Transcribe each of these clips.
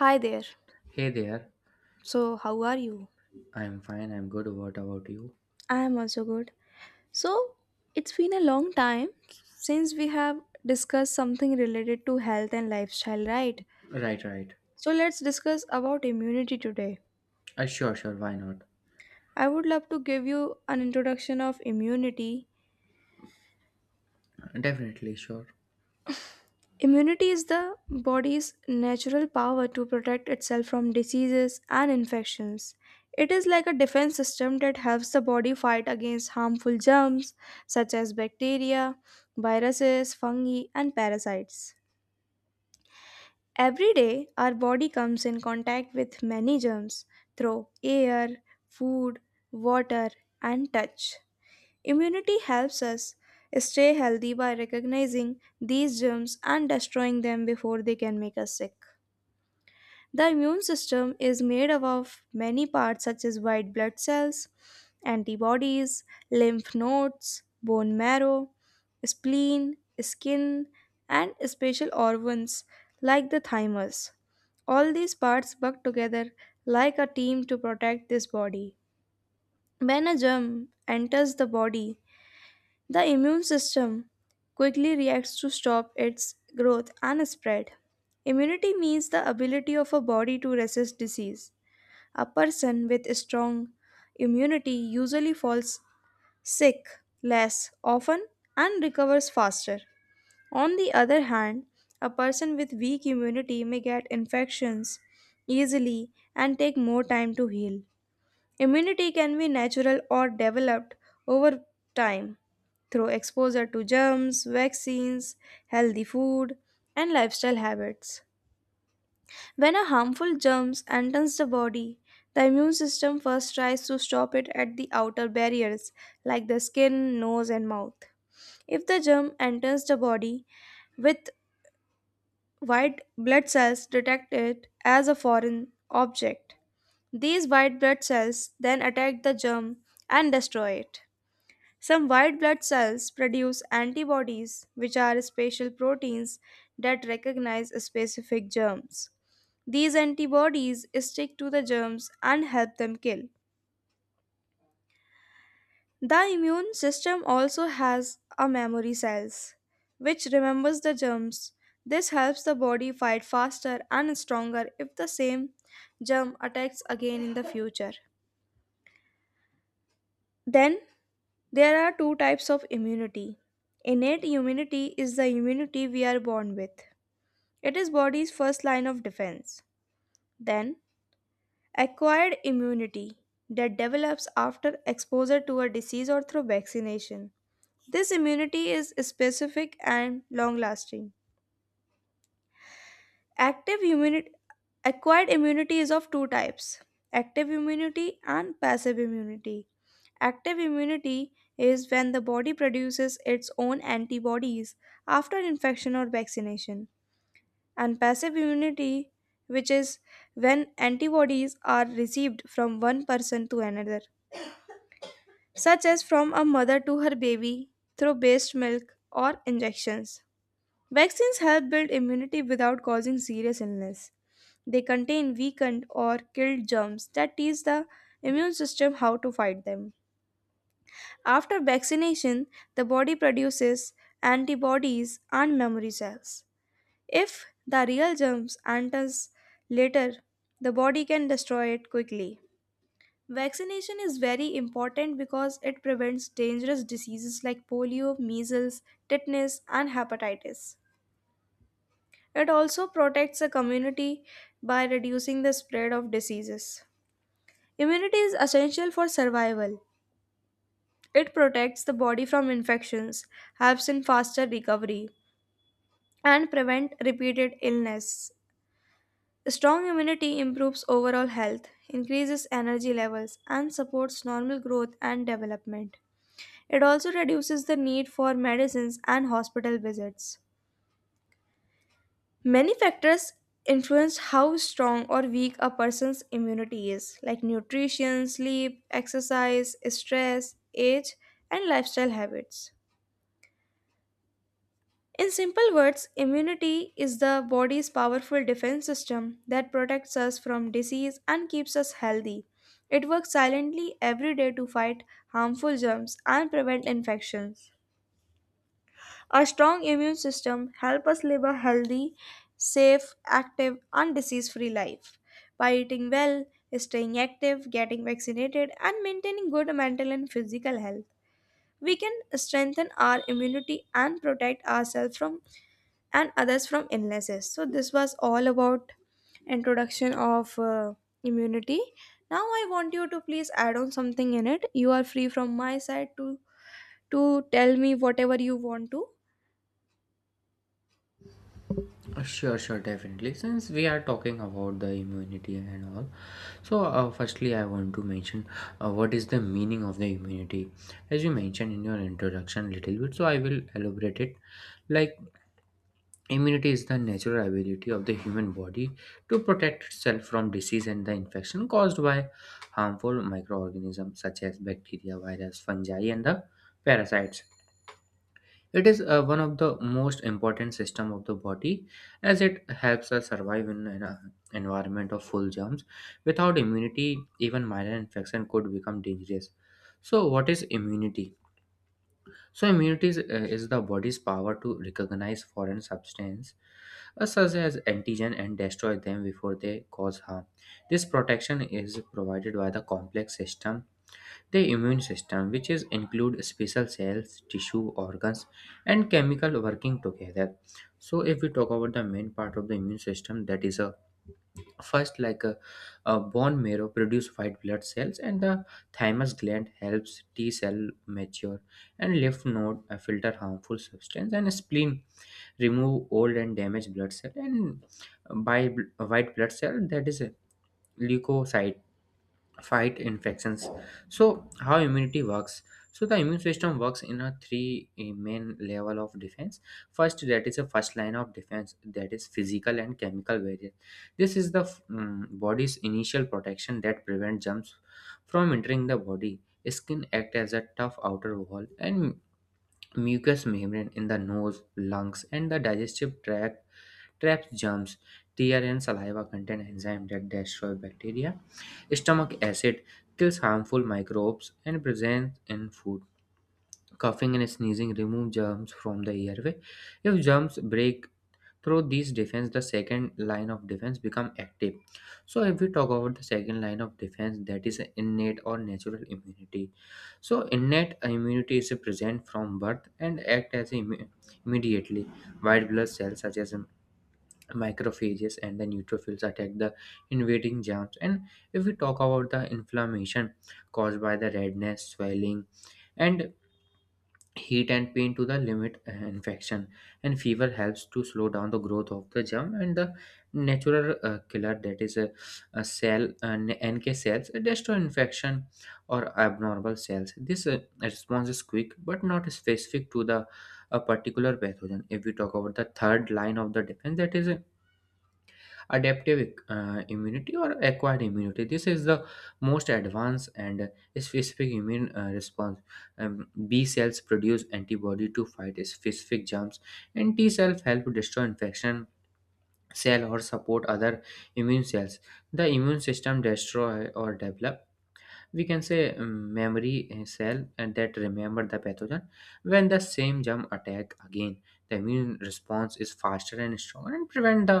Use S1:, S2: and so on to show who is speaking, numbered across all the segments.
S1: Hi there.
S2: Hey there.
S1: So, how are you?
S2: I'm fine, I'm good. What about you?
S1: I am also good. So, it's been a long time since we have discussed something related to health and lifestyle, right?
S2: Right, right.
S1: So, let's discuss about immunity today.
S2: Sure, sure, why not?
S1: I would love to give you an introduction of immunity.
S2: Definitely, sure.
S1: Immunity is the body's natural power to protect itself from diseases and infections. It is like a defense system that helps the body fight against harmful germs such as bacteria, viruses, fungi, and parasites. Every day, our body comes in contact with many germs through air, food, water, and touch. Immunity helps us stay healthy by recognizing these germs and destroying them before they can make us sick. The immune system is made up of many parts such as white blood cells, antibodies, lymph nodes, bone marrow, spleen, skin, and special organs like the thymus. All these parts work together like a team to protect this body. When a germ enters the body, the immune system quickly reacts to stop its growth and spread. Immunity means the ability of a body to resist disease. A person with strong immunity usually falls sick less often and recovers faster. On the other hand, a person with weak immunity may get infections easily and take more time to heal. Immunity can be natural or developed over time through exposure to germs, vaccines, healthy food, and lifestyle habits. When a harmful germ enters the body, the immune system first tries to stop it at the outer barriers like the skin, nose, and mouth. If the germ enters the body with white blood cells detect it as a foreign object. These white blood cells then attack the germ and destroy it. Some white blood cells produce antibodies, which are special proteins that recognize specific germs. These antibodies stick to the germs and help them kill. The immune system also has a memory cells, which remembers the germs. This helps the body fight faster and stronger if the same germ attacks again in the future. Then, there are two types of immunity. Innate immunity is the immunity we are born with. It is body's first line of defense. Then, acquired immunity that develops after exposure to a disease or through vaccination. This immunity is specific and long lasting. Active immunity, Acquired immunity is of two types: active immunity and passive immunity. Active immunity is when the body produces its own antibodies after infection or vaccination, and passive immunity, which is when antibodies are received from one person to another, such as from a mother to her baby through breast milk or injections. Vaccines help build immunity without causing serious illness. They contain weakened or killed germs that teach the immune system how to fight them. After vaccination, the body produces antibodies and memory cells. If the real germs enters later, the body can destroy it quickly. Vaccination is very important because it prevents dangerous diseases like polio, measles, tetanus, and hepatitis. It also protects the community by reducing the spread of diseases. Immunity is essential for survival. It protects the body from infections, helps in faster recovery, and prevent repeated illness. Strong immunity improves overall health, increases energy levels, and supports normal growth and development. It also reduces the need for medicines and hospital visits. Many factors influence how strong or weak a person's immunity is, like nutrition, sleep, exercise, stress, age, and lifestyle habits. In simple words, immunity is the body's powerful defense system that protects us from disease and keeps us healthy. It works silently every day to fight harmful germs and prevent infections. A strong immune system helps us live a healthy, safe, active, and disease free life. By eating well, staying active, getting vaccinated, and maintaining good mental and physical health, we can strengthen our immunity and protect ourselves from and others from illnesses. So this was all about introduction of immunity. Now I want you to please add on something in it. You are free from my side to tell me whatever you want to.
S2: Sure, sure, definitely. Since we are talking about the immunity and all, so firstly, I want to mention what is the meaning of the immunity. As you mentioned in your introduction, little bit, so I will elaborate it. Like immunity is the natural ability of the human body to protect itself from disease and the infection caused by harmful microorganisms such as bacteria, virus, fungi, and the parasites. It is one of the most important system of the body as it helps us survive in an environment of full germs. Without immunity, even minor infection could become dangerous. So, what is immunity? So immunity is the body's power to recognize foreign substance such as antigen and destroy them before they cause harm. This protection is provided by the complex system, the immune system, which is include special cells, tissue, organs, and chemical working together. So if we talk about the main part of the immune system, that is a first, like a bone marrow produce white blood cells, and the thymus gland helps T cell mature, and lymph node filter harmful substance, and spleen remove old and damaged blood cell, and by white blood cell that is a leukocyte fight infections. So how immunity works. So the immune system works in a three main level of defense. First, that is a first line of defense that is physical and chemical barrier. This is the body's initial protection that prevents germs from entering the body. Skin act as a tough outer wall, and mucous membrane in the nose, lungs, and the digestive tract traps germs. Tear and saliva contain enzyme that destroy bacteria. Stomach acid kills harmful microbes and present in food. Coughing and sneezing remove germs from the airway. If germs break through these defense, the second line of defense become active. So if we talk about the second line of defense, that is innate or natural immunity. So innate immunity is present from birth and act as immediately. White blood cells such as microphages and the neutrophils attack the invading germs. And if we talk about the inflammation caused by the redness, swelling, and heat and pain to the limit infection, and fever helps to slow down the growth of the germ, and the natural killer, that is a cell, and NK cells destroy infection or abnormal cells. This response is quick but not specific to the a particular pathogen. If we talk about the third line of the defense, that is adaptive immunity or acquired immunity. This is the most advanced and specific immune response. B cells produce antibody to fight specific germs, and T cells help destroy infection cell or support other immune cells. The immune system destroy or develop, we can say, memory cell, and that remember the pathogen. When the same germ attack again, the immune response is faster and stronger and prevent the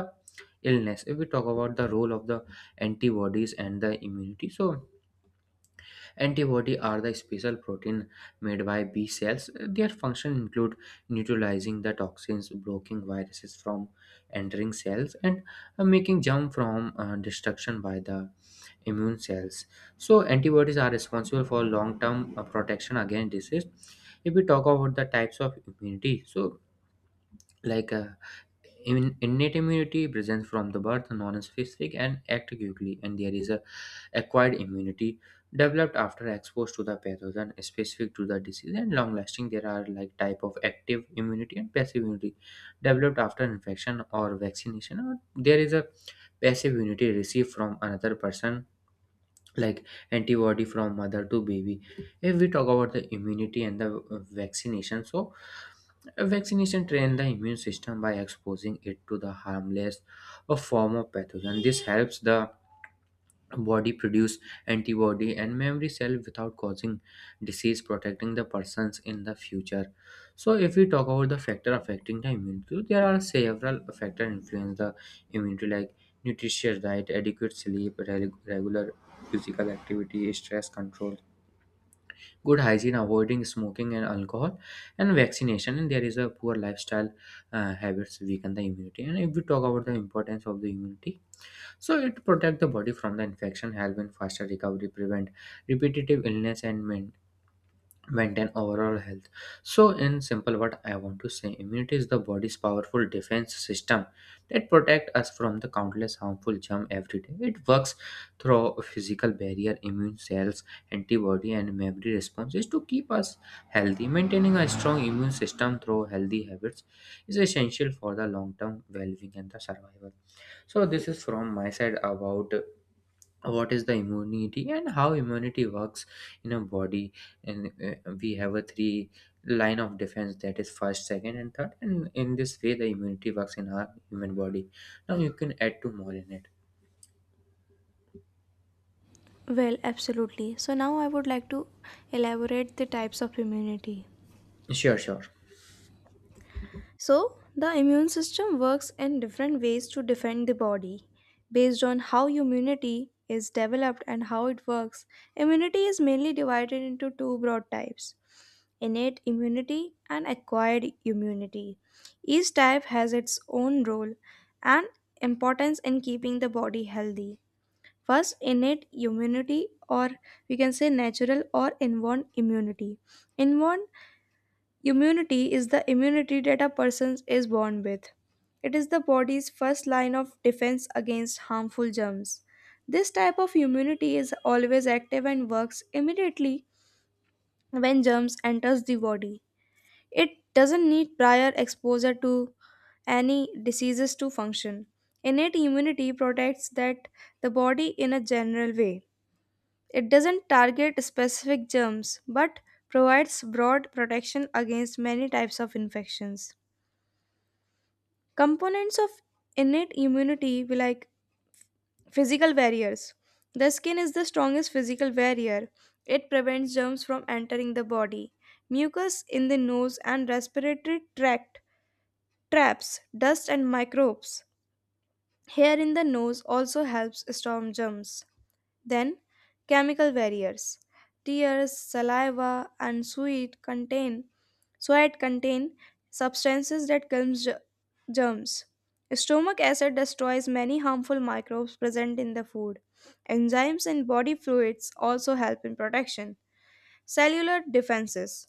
S2: illness. If we talk about the role of the antibodies and the immunity, so antibody are the special protein made by B cells. Their function include neutralizing the toxins, blocking viruses from entering cells, and making germ from destruction by the immune cells. So antibodies are responsible for long-term protection against disease. If we talk about the types of immunity, so like innate immunity present from the birth, non-specific and act quickly, and there is a acquired immunity developed after exposed to the pathogen, specific to the disease and long lasting. There are like type of active immunity and passive immunity developed after infection or vaccination, or there is a passive immunity received from another person, like antibody from mother to baby. If we talk about the immunity and the vaccination, so vaccination train the immune system by exposing it to the harmless form of pathogen. This helps the body produce antibody and memory cell without causing disease, protecting the persons in the future. So if we talk about the factor affecting the immunity, there are several factor influence the immunity, like nutritious diet, adequate sleep, regular physical activity, stress control, good hygiene, avoiding smoking and alcohol, and vaccination. And there is a poor lifestyle habits weaken the immunity. And if we talk about the importance of the immunity, so it protect the body from the infection, help in faster recovery, prevent repetitive illness, and maintain overall health. So in simple, what I want to say, immunity is the body's powerful defense system that protect us from the countless harmful germ every day. It works through a physical barrier, immune cells, antibody, and memory responses to keep us healthy. Maintaining a strong immune system through healthy habits is essential for the long-term well-being and the survival. So this is from my side about what is the immunity and how immunity works in a body. And we have a three line of defense, that is first, second, and third, and in this way the immunity works in our human body. Now you can add two more in it.
S1: Well, absolutely. So now I would like to elaborate the types of immunity.
S2: Sure, sure.
S1: So the immune system works in different ways to defend the body. Based on how immunity is developed and how it works, immunity is mainly divided into two broad types: innate immunity and acquired immunity. Each type has its own role and importance in keeping the body healthy. First, innate immunity, or we can say natural or inborn immunity. Inborn immunity is the immunity that a person is born with. It is the body's first line of defense against harmful germs. This type of immunity is always active and works immediately when germs enters the body. It doesn't need prior exposure to any diseases to function. Innate immunity protects that the body in a general way. It doesn't target specific germs but provides broad protection against many types of infections. Components of innate immunity be like physical barriers. The skin is the strongest physical barrier. It prevents germs from entering the body. Mucus in the nose and respiratory tract traps dust and microbes. Hair in the nose also helps storm germs. Then, chemical barriers. Tears, saliva, and sweat contain substances that kills germs. Stomach acid destroys many harmful microbes present in the food. Enzymes in body fluids also help in protection. Cellular defenses.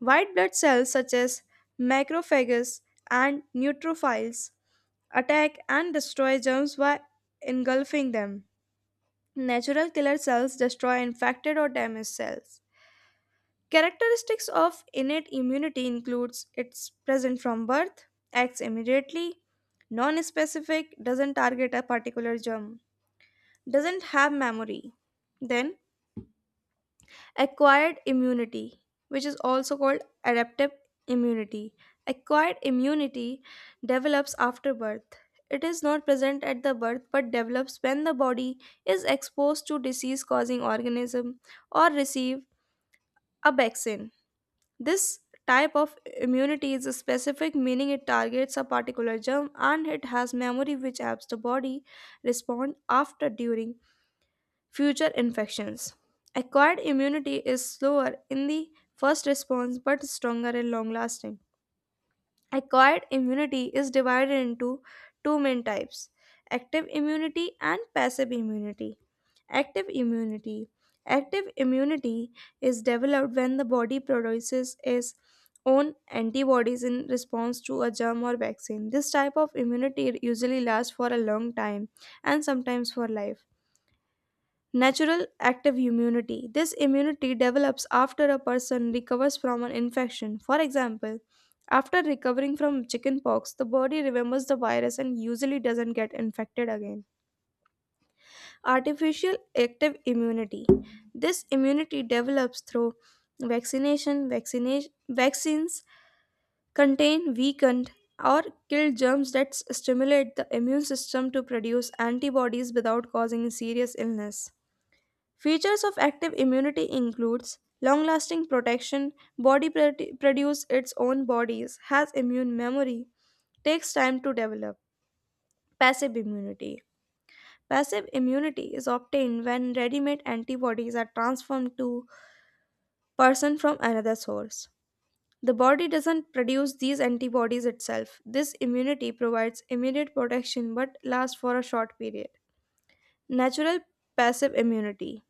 S1: White blood cells such as macrophages and neutrophils attack and destroy germs by engulfing them. Natural killer cells destroy infected or damaged cells. Characteristics of innate immunity includes it's present from birth, acts immediately, non-specific, doesn't target a particular germ, doesn't have memory. Then, acquired immunity, which is also called adaptive immunity. Acquired immunity develops after birth. It is not present at the birth but develops when the body is exposed to disease causing organism or receive a vaccine. This type of immunity is specific, meaning it targets a particular germ, and it has memory which helps the body respond after during future infections. Acquired immunity is slower in the first response but stronger and long lasting. Acquired immunity is divided into two main types: active immunity and passive immunity. Active immunity. Active immunity is developed when the body produces its own antibodies in response to a germ or vaccine. This type of immunity usually lasts for a long time and sometimes for life. Natural active immunity. This immunity develops after a person recovers from an infection. For example, after recovering from chickenpox, the body remembers the virus and usually doesn't get infected again. Artificial active immunity. This immunity develops through vaccination. Vaccines contain weakened or killed germs that stimulate the immune system to produce antibodies without causing serious illness. Features of active immunity includes long-lasting protection, body produce its own bodies, has immune memory, takes time to develop. Passive immunity. Passive immunity is obtained when ready-made antibodies are transformed to person from another source. The body doesn't produce these antibodies itself. This immunity provides immediate protection but lasts for a short period. Natural passive immunity.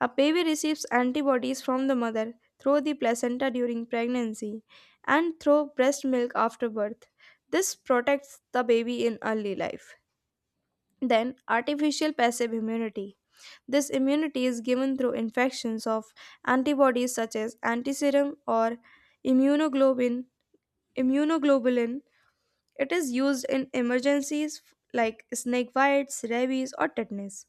S1: A baby receives antibodies from the mother through the placenta during pregnancy and through breast milk after birth. This protects the baby in early life. Then, artificial passive immunity. This immunity is given through infections of antibodies such as antiserum or immunoglobin, immunoglobulin. It is used in emergencies like snake bites, rabies, or tetanus.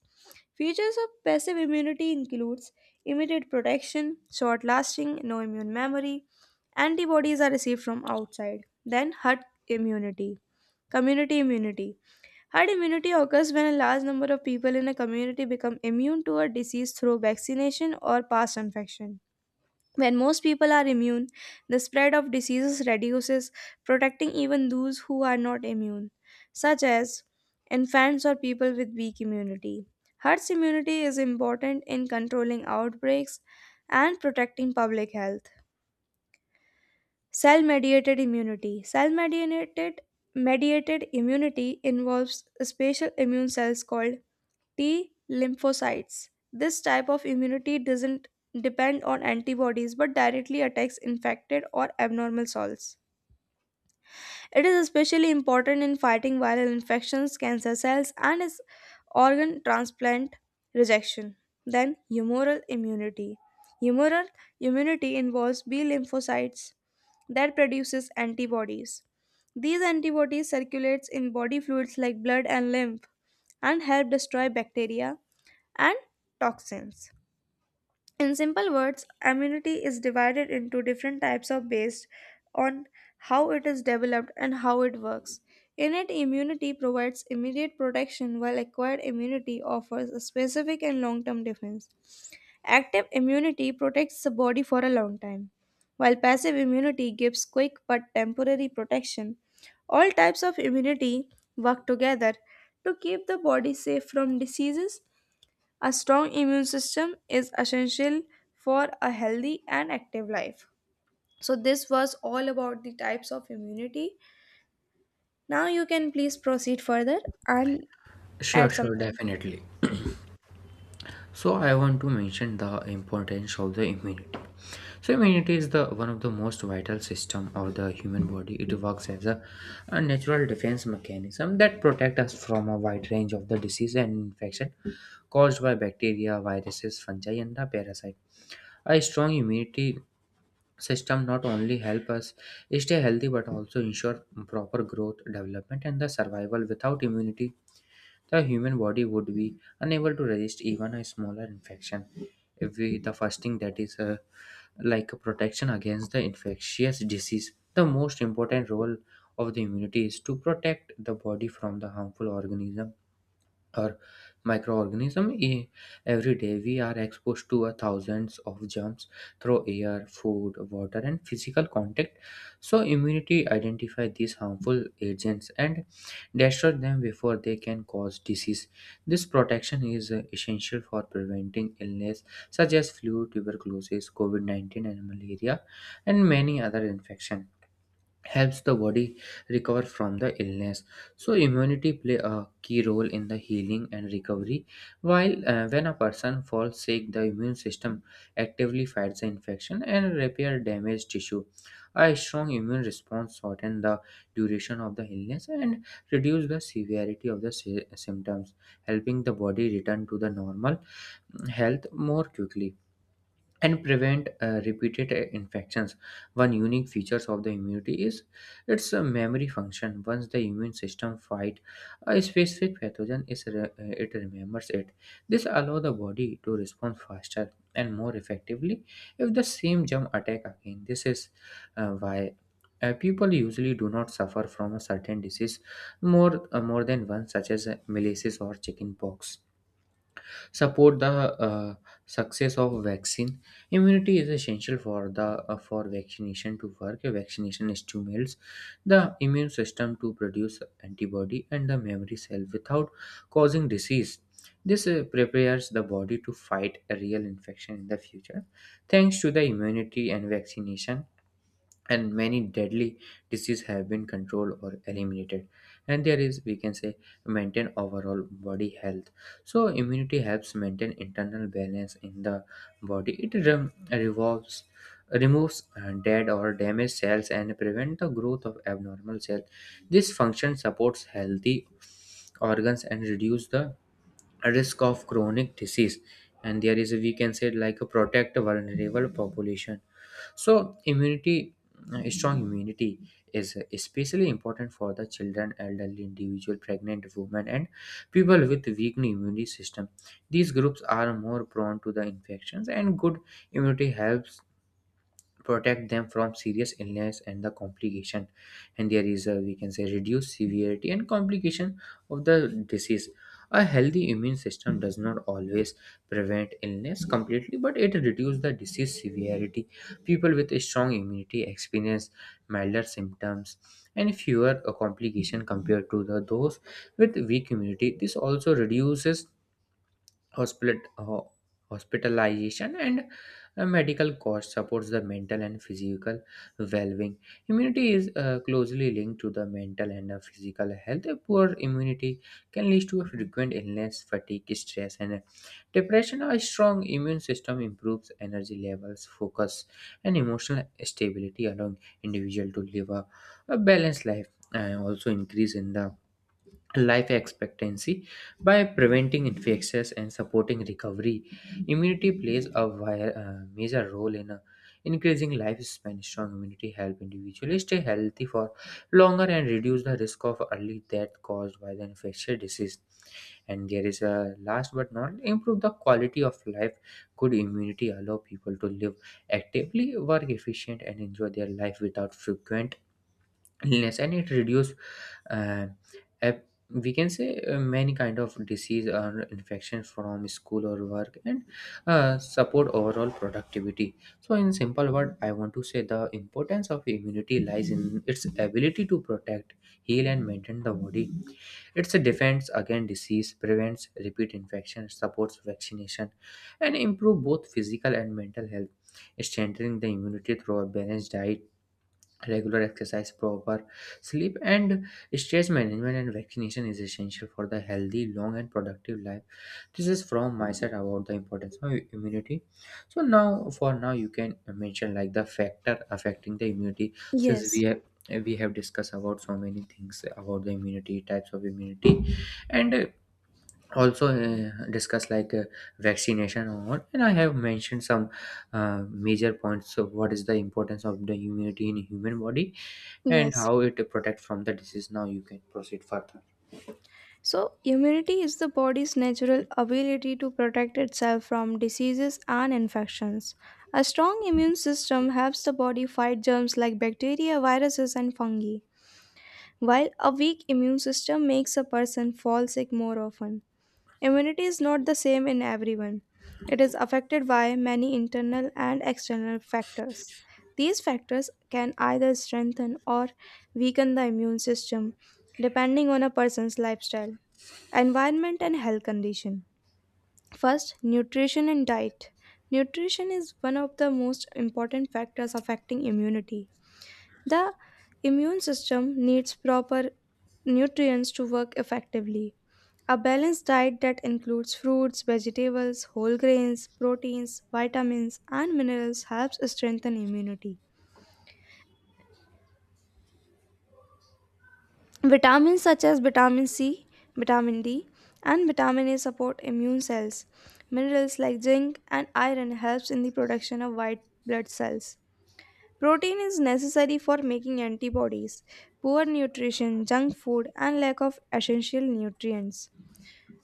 S1: Features of passive immunity includes immediate protection, short lasting, no immune memory. Antibodies are received from outside. Then, herd immunity, community immunity. Herd immunity occurs when a large number of people in a community become immune to a disease through vaccination or past infection. When most people are immune, the spread of diseases reduces, protecting even those who are not immune, such as infants or people with weak immunity. Herd's immunity is important in controlling outbreaks and protecting public health. Cell mediated immunity. Cell mediated immunity involves special immune cells called T lymphocytes. This type of immunity doesn't depend on antibodies but directly attacks infected or abnormal cells. It is especially important in fighting viral infections, cancer cells, and is organ transplant rejection. Then, humoral immunity. Humoral immunity involves B lymphocytes that produces antibodies. These antibodies circulates in body fluids like blood and lymph and help destroy bacteria and toxins. In simple words, immunity is divided into different types of based on how it is developed and how it works. Innate immunity provides immediate protection while acquired immunity offers a specific and long-term defense. Active immunity protects the body for a long time, while passive immunity gives quick but temporary protection. All types of immunity work together to keep the body safe from diseases. A strong immune system is essential for a healthy and active life. So, this was all about the types of immunity. Now, you can please proceed further and
S2: Sure,
S1: add
S2: sure,
S1: something.
S2: definitely. So I want to mention the importance of the immunity. So immunity is the one of the most vital system of the human body. It works as a natural defense mechanism that protect us from a wide range of the disease and infection caused by bacteria, viruses, fungi, and the parasite. A strong immunity system not only help us stay healthy but also ensure proper growth, development, and the survival. Without immunity, the human body would be unable to resist even a smaller infection. If we, the fasting, that is like a protection against the infectious disease, the most important role of the immunity is to protect the body from the harmful organism or microorganism. Every day, we are exposed to a thousands of germs through air, food, water, and physical contact. So, immunity identify these harmful agents and destroy them before they can cause disease. This protection is essential for preventing illness such as flu, tuberculosis, COVID-19, and malaria, and many other infections helps the body recover from the illness. So immunity play a key role in the healing and recovery. While when a person falls sick, the immune system actively fights the infection and repair damaged tissue. A strong immune response shorten the duration of the illness and reduce the severity of the symptoms, helping the body return to the normal health more quickly and prevent repeated infections. One unique features of the immunity is its memory function. Once the immune system fight a specific pathogen, it remembers it. This allows the body to respond faster and more effectively if the same germ attack again. This is why people usually do not suffer from a certain disease more than one, such as malaise or chickenpox. Support the uh, success of vaccine. Immunity is essential for the for vaccination to work. A vaccination stimulates the immune system to produce antibody and the memory cell without causing disease. This prepares the body to fight a real infection in the future. Thanks to the immunity and vaccination, and many deadly diseases have been controlled or eliminated. And there is, we can say, maintain overall body health. So immunity helps maintain internal balance in the body. It revolves removes dead or damaged cells and prevent the growth of abnormal cells. This function supports healthy organs and reduce the risk of chronic disease. And there is, we can say, like a protect vulnerable population. So immunity, strong immunity, is especially important for the children, elderly individual, pregnant women, and people with weak immune system. These groups are more prone to the infections, and good immunity helps protect them from serious illness and the complication. And there is a, we can say, reduce severity and complication of the disease. A healthy immune system does not always prevent illness completely, but it reduces the disease severity. People with a strong immunity experience milder symptoms and fewer complications compared to the those with weak immunity. This also reduces hospital, ho- hospitalization and medical costs. Supports the mental and physical well-being. Immunity is closely linked to the mental and physical health. A poor immunity can lead to a frequent illness, fatigue, stress, and depression. A strong immune system improves energy levels, focus, and emotional stability, allowing individual to live a balanced life. And also increase in the life expectancy by preventing infections and supporting recovery. Immunity plays a major role in increasing lifespan. Strong immunity help individuals stay healthy for longer and reduce the risk of early death caused by the infectious disease. And there is a last but not improve the quality of life. Good immunity allow people to live actively, work efficient, and enjoy their life without frequent illness. And it reduce uh, ep- we can say many kind of disease or infection from school or work, and support overall productivity. So in simple word, I want to say the importance of immunity lies in its ability to protect, heal, and maintain the body. It's a defense against disease, prevents repeat infection, supports vaccination, and improve both physical and mental health. Strengthening the immunity through a balanced diet, regular exercise, proper sleep, and stress management and vaccination is essential for the healthy, long, and productive life. This is from my side about the importance of immunity. So now, for now, you can mention like the factor affecting the immunity. Since
S1: Yes,
S2: we have, we have discussed about so many things about the immunity, types of immunity, and also discuss like vaccination or what, and I have mentioned some major points of what is the importance of the immunity in human body, and
S1: yes.
S2: how it protects from the disease. Now you can proceed further.
S1: So, immunity is the body's natural ability to protect itself from diseases and infections. A strong immune system helps the body fight germs like bacteria, viruses, and fungi, while a weak immune system makes a person fall sick more often. Immunity is not the same in everyone. It is affected by many internal and external factors. These factors can either strengthen or weaken the immune system depending on a person's lifestyle, environment, and health condition. First, nutrition and diet. Nutrition is one of the most important factors affecting immunity. The immune system needs proper nutrients to work effectively. A balanced diet that includes fruits, vegetables, whole grains, proteins, vitamins, and minerals helps strengthen immunity. Vitamins such as vitamin C, vitamin D, and vitamin A support immune cells. Minerals like zinc and iron helps in the production of white blood cells. Protein is necessary for making antibodies. Poor nutrition, junk food, and lack of essential nutrients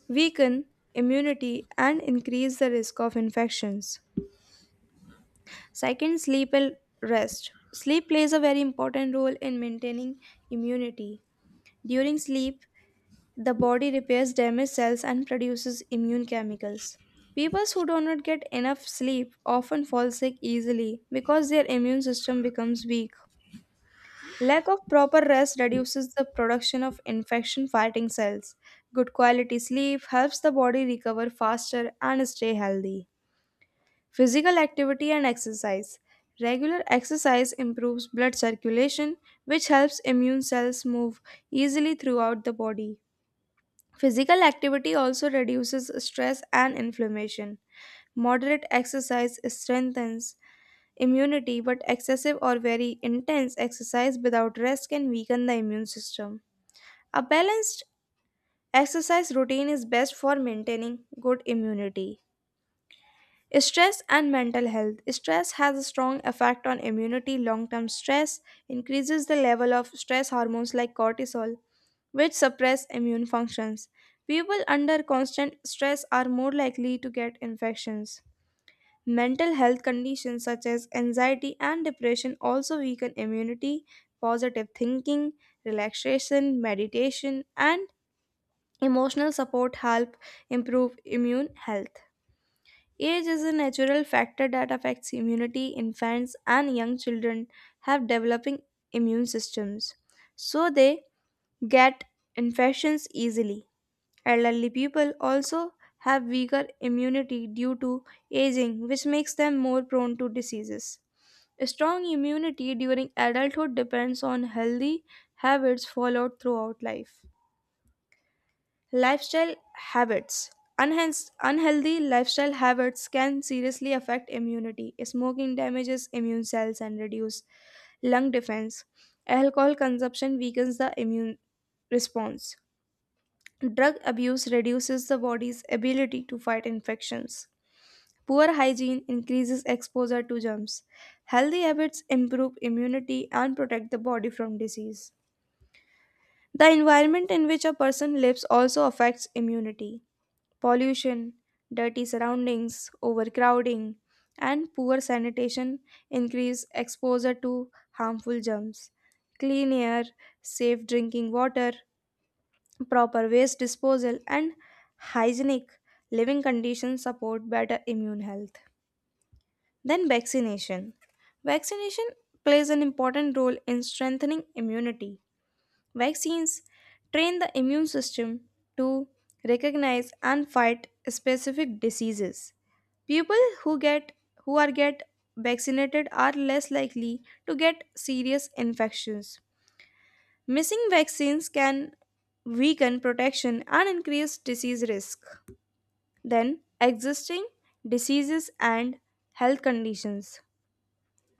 S1: weaken immunity and increase the risk of infections. Second, sleep and rest. Sleep plays a very important role in maintaining immunity. During sleep, the body repairs damaged cells and produces immune chemicals. People who do not get enough sleep often fall sick easily because their immune system becomes weak. Lack of proper rest reduces the production of infection fighting cells. Good quality sleep helps the body recover faster and stay healthy. Physical activity and exercise. Regular exercise improves blood circulation, which helps immune cells move easily throughout the body. Physical activity also reduces stress and inflammation. Moderate exercise strengthens immunity, but excessive or very intense exercise without rest can weaken the immune system. A balanced exercise routine is best for maintaining good immunity. Stress and mental health. Stress has a strong effect on immunity. Long term stress increases the level of stress hormones like cortisol, which suppress immune functions. People under constant stress are more likely to get infections. Mental health conditions such as anxiety and depression also weaken immunity. Positive thinking, relaxation, meditation, and emotional support help improve immune health. Age is a natural factor that affects immunity. Infants and young children have developing immune systems, so they get infections easily. Elderly people also have weaker immunity due to aging, which makes them more prone to diseases. Strong immunity during adulthood depends on healthy habits followed throughout life. Lifestyle habits. Unhealthy lifestyle habits can seriously affect immunity. Smoking damages immune cells and reduces lung defense. Alcohol consumption weakens the immune response. Drug abuse reduces the body's ability to fight infections. Poor hygiene increases exposure to germs. Healthy habits improve immunity and protect the body from disease. The environment in which a person lives also affects immunity. Pollution, dirty surroundings, overcrowding, and poor sanitation increase exposure to harmful germs. Clean air, safe drinking water, proper waste disposal, and hygienic living conditions support better immune health. Then, vaccination. Vaccination plays an important role in strengthening immunity. Vaccines train the immune system to recognize and fight specific diseases. People who get who are get vaccinated are less likely to get serious infections. Missing vaccines can weaken protection and increase disease risk. Then, existing diseases and health conditions.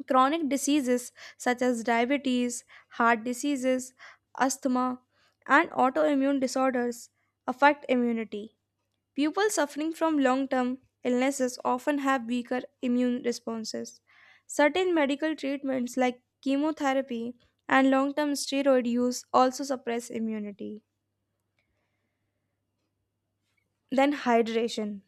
S1: Chronic diseases such as diabetes, heart diseases, asthma, and autoimmune disorders affect immunity. People suffering from long term illnesses often have weaker immune responses. Certain medical treatments like chemotherapy and long term steroid use also suppress immunity. Then, hydration.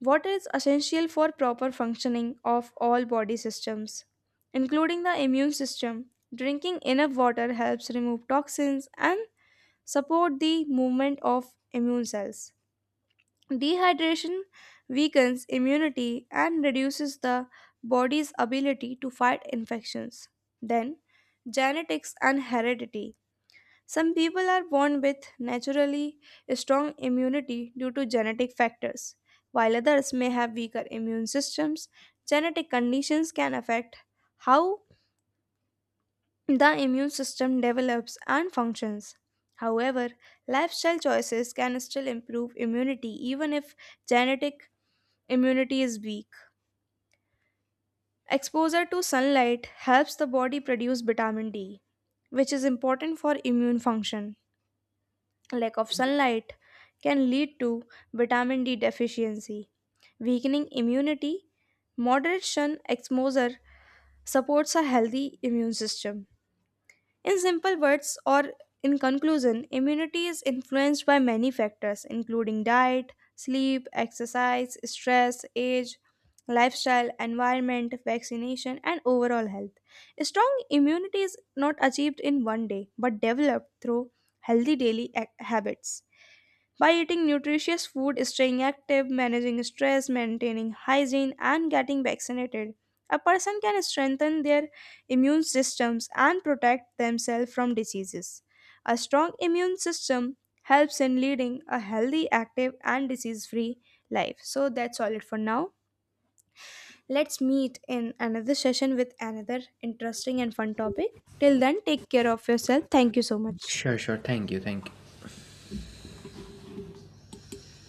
S1: Water is essential for proper functioning of all body systems, including the immune system. Drinking enough water helps remove toxins and support the movement of immune cells. Dehydration weakens immunity and reduces the body's ability to fight infections. Then, genetics and heredity. Some people are born with naturally strong immunity due to genetic factors, while others may have weaker immune systems. Genetic conditions can affect how the immune system develops and functions. However, lifestyle choices can still improve immunity even if genetic immunity is weak. Exposure to sunlight helps the body produce vitamin D, which is important for immune function. Lack of sunlight can lead to vitamin D deficiency, weakening immunity. Moderate sun exposure supports a healthy immune system. In simple words, or in conclusion, immunity is influenced by many factors including diet, sleep, exercise, stress, age, lifestyle, environment, vaccination, and overall health. Strong immunity is not achieved in one day but developed through healthy habits. By eating nutritious food, staying active, managing stress, maintaining hygiene, and getting vaccinated, a person can strengthen their immune systems and protect themselves from diseases. A strong immune system helps in leading a healthy, active, and disease free life. So that's all it for now. Let's meet in another session with another interesting and fun topic. Till then, take care of yourself. Thank you so much.
S2: Sure, sure. Thank you, thank you.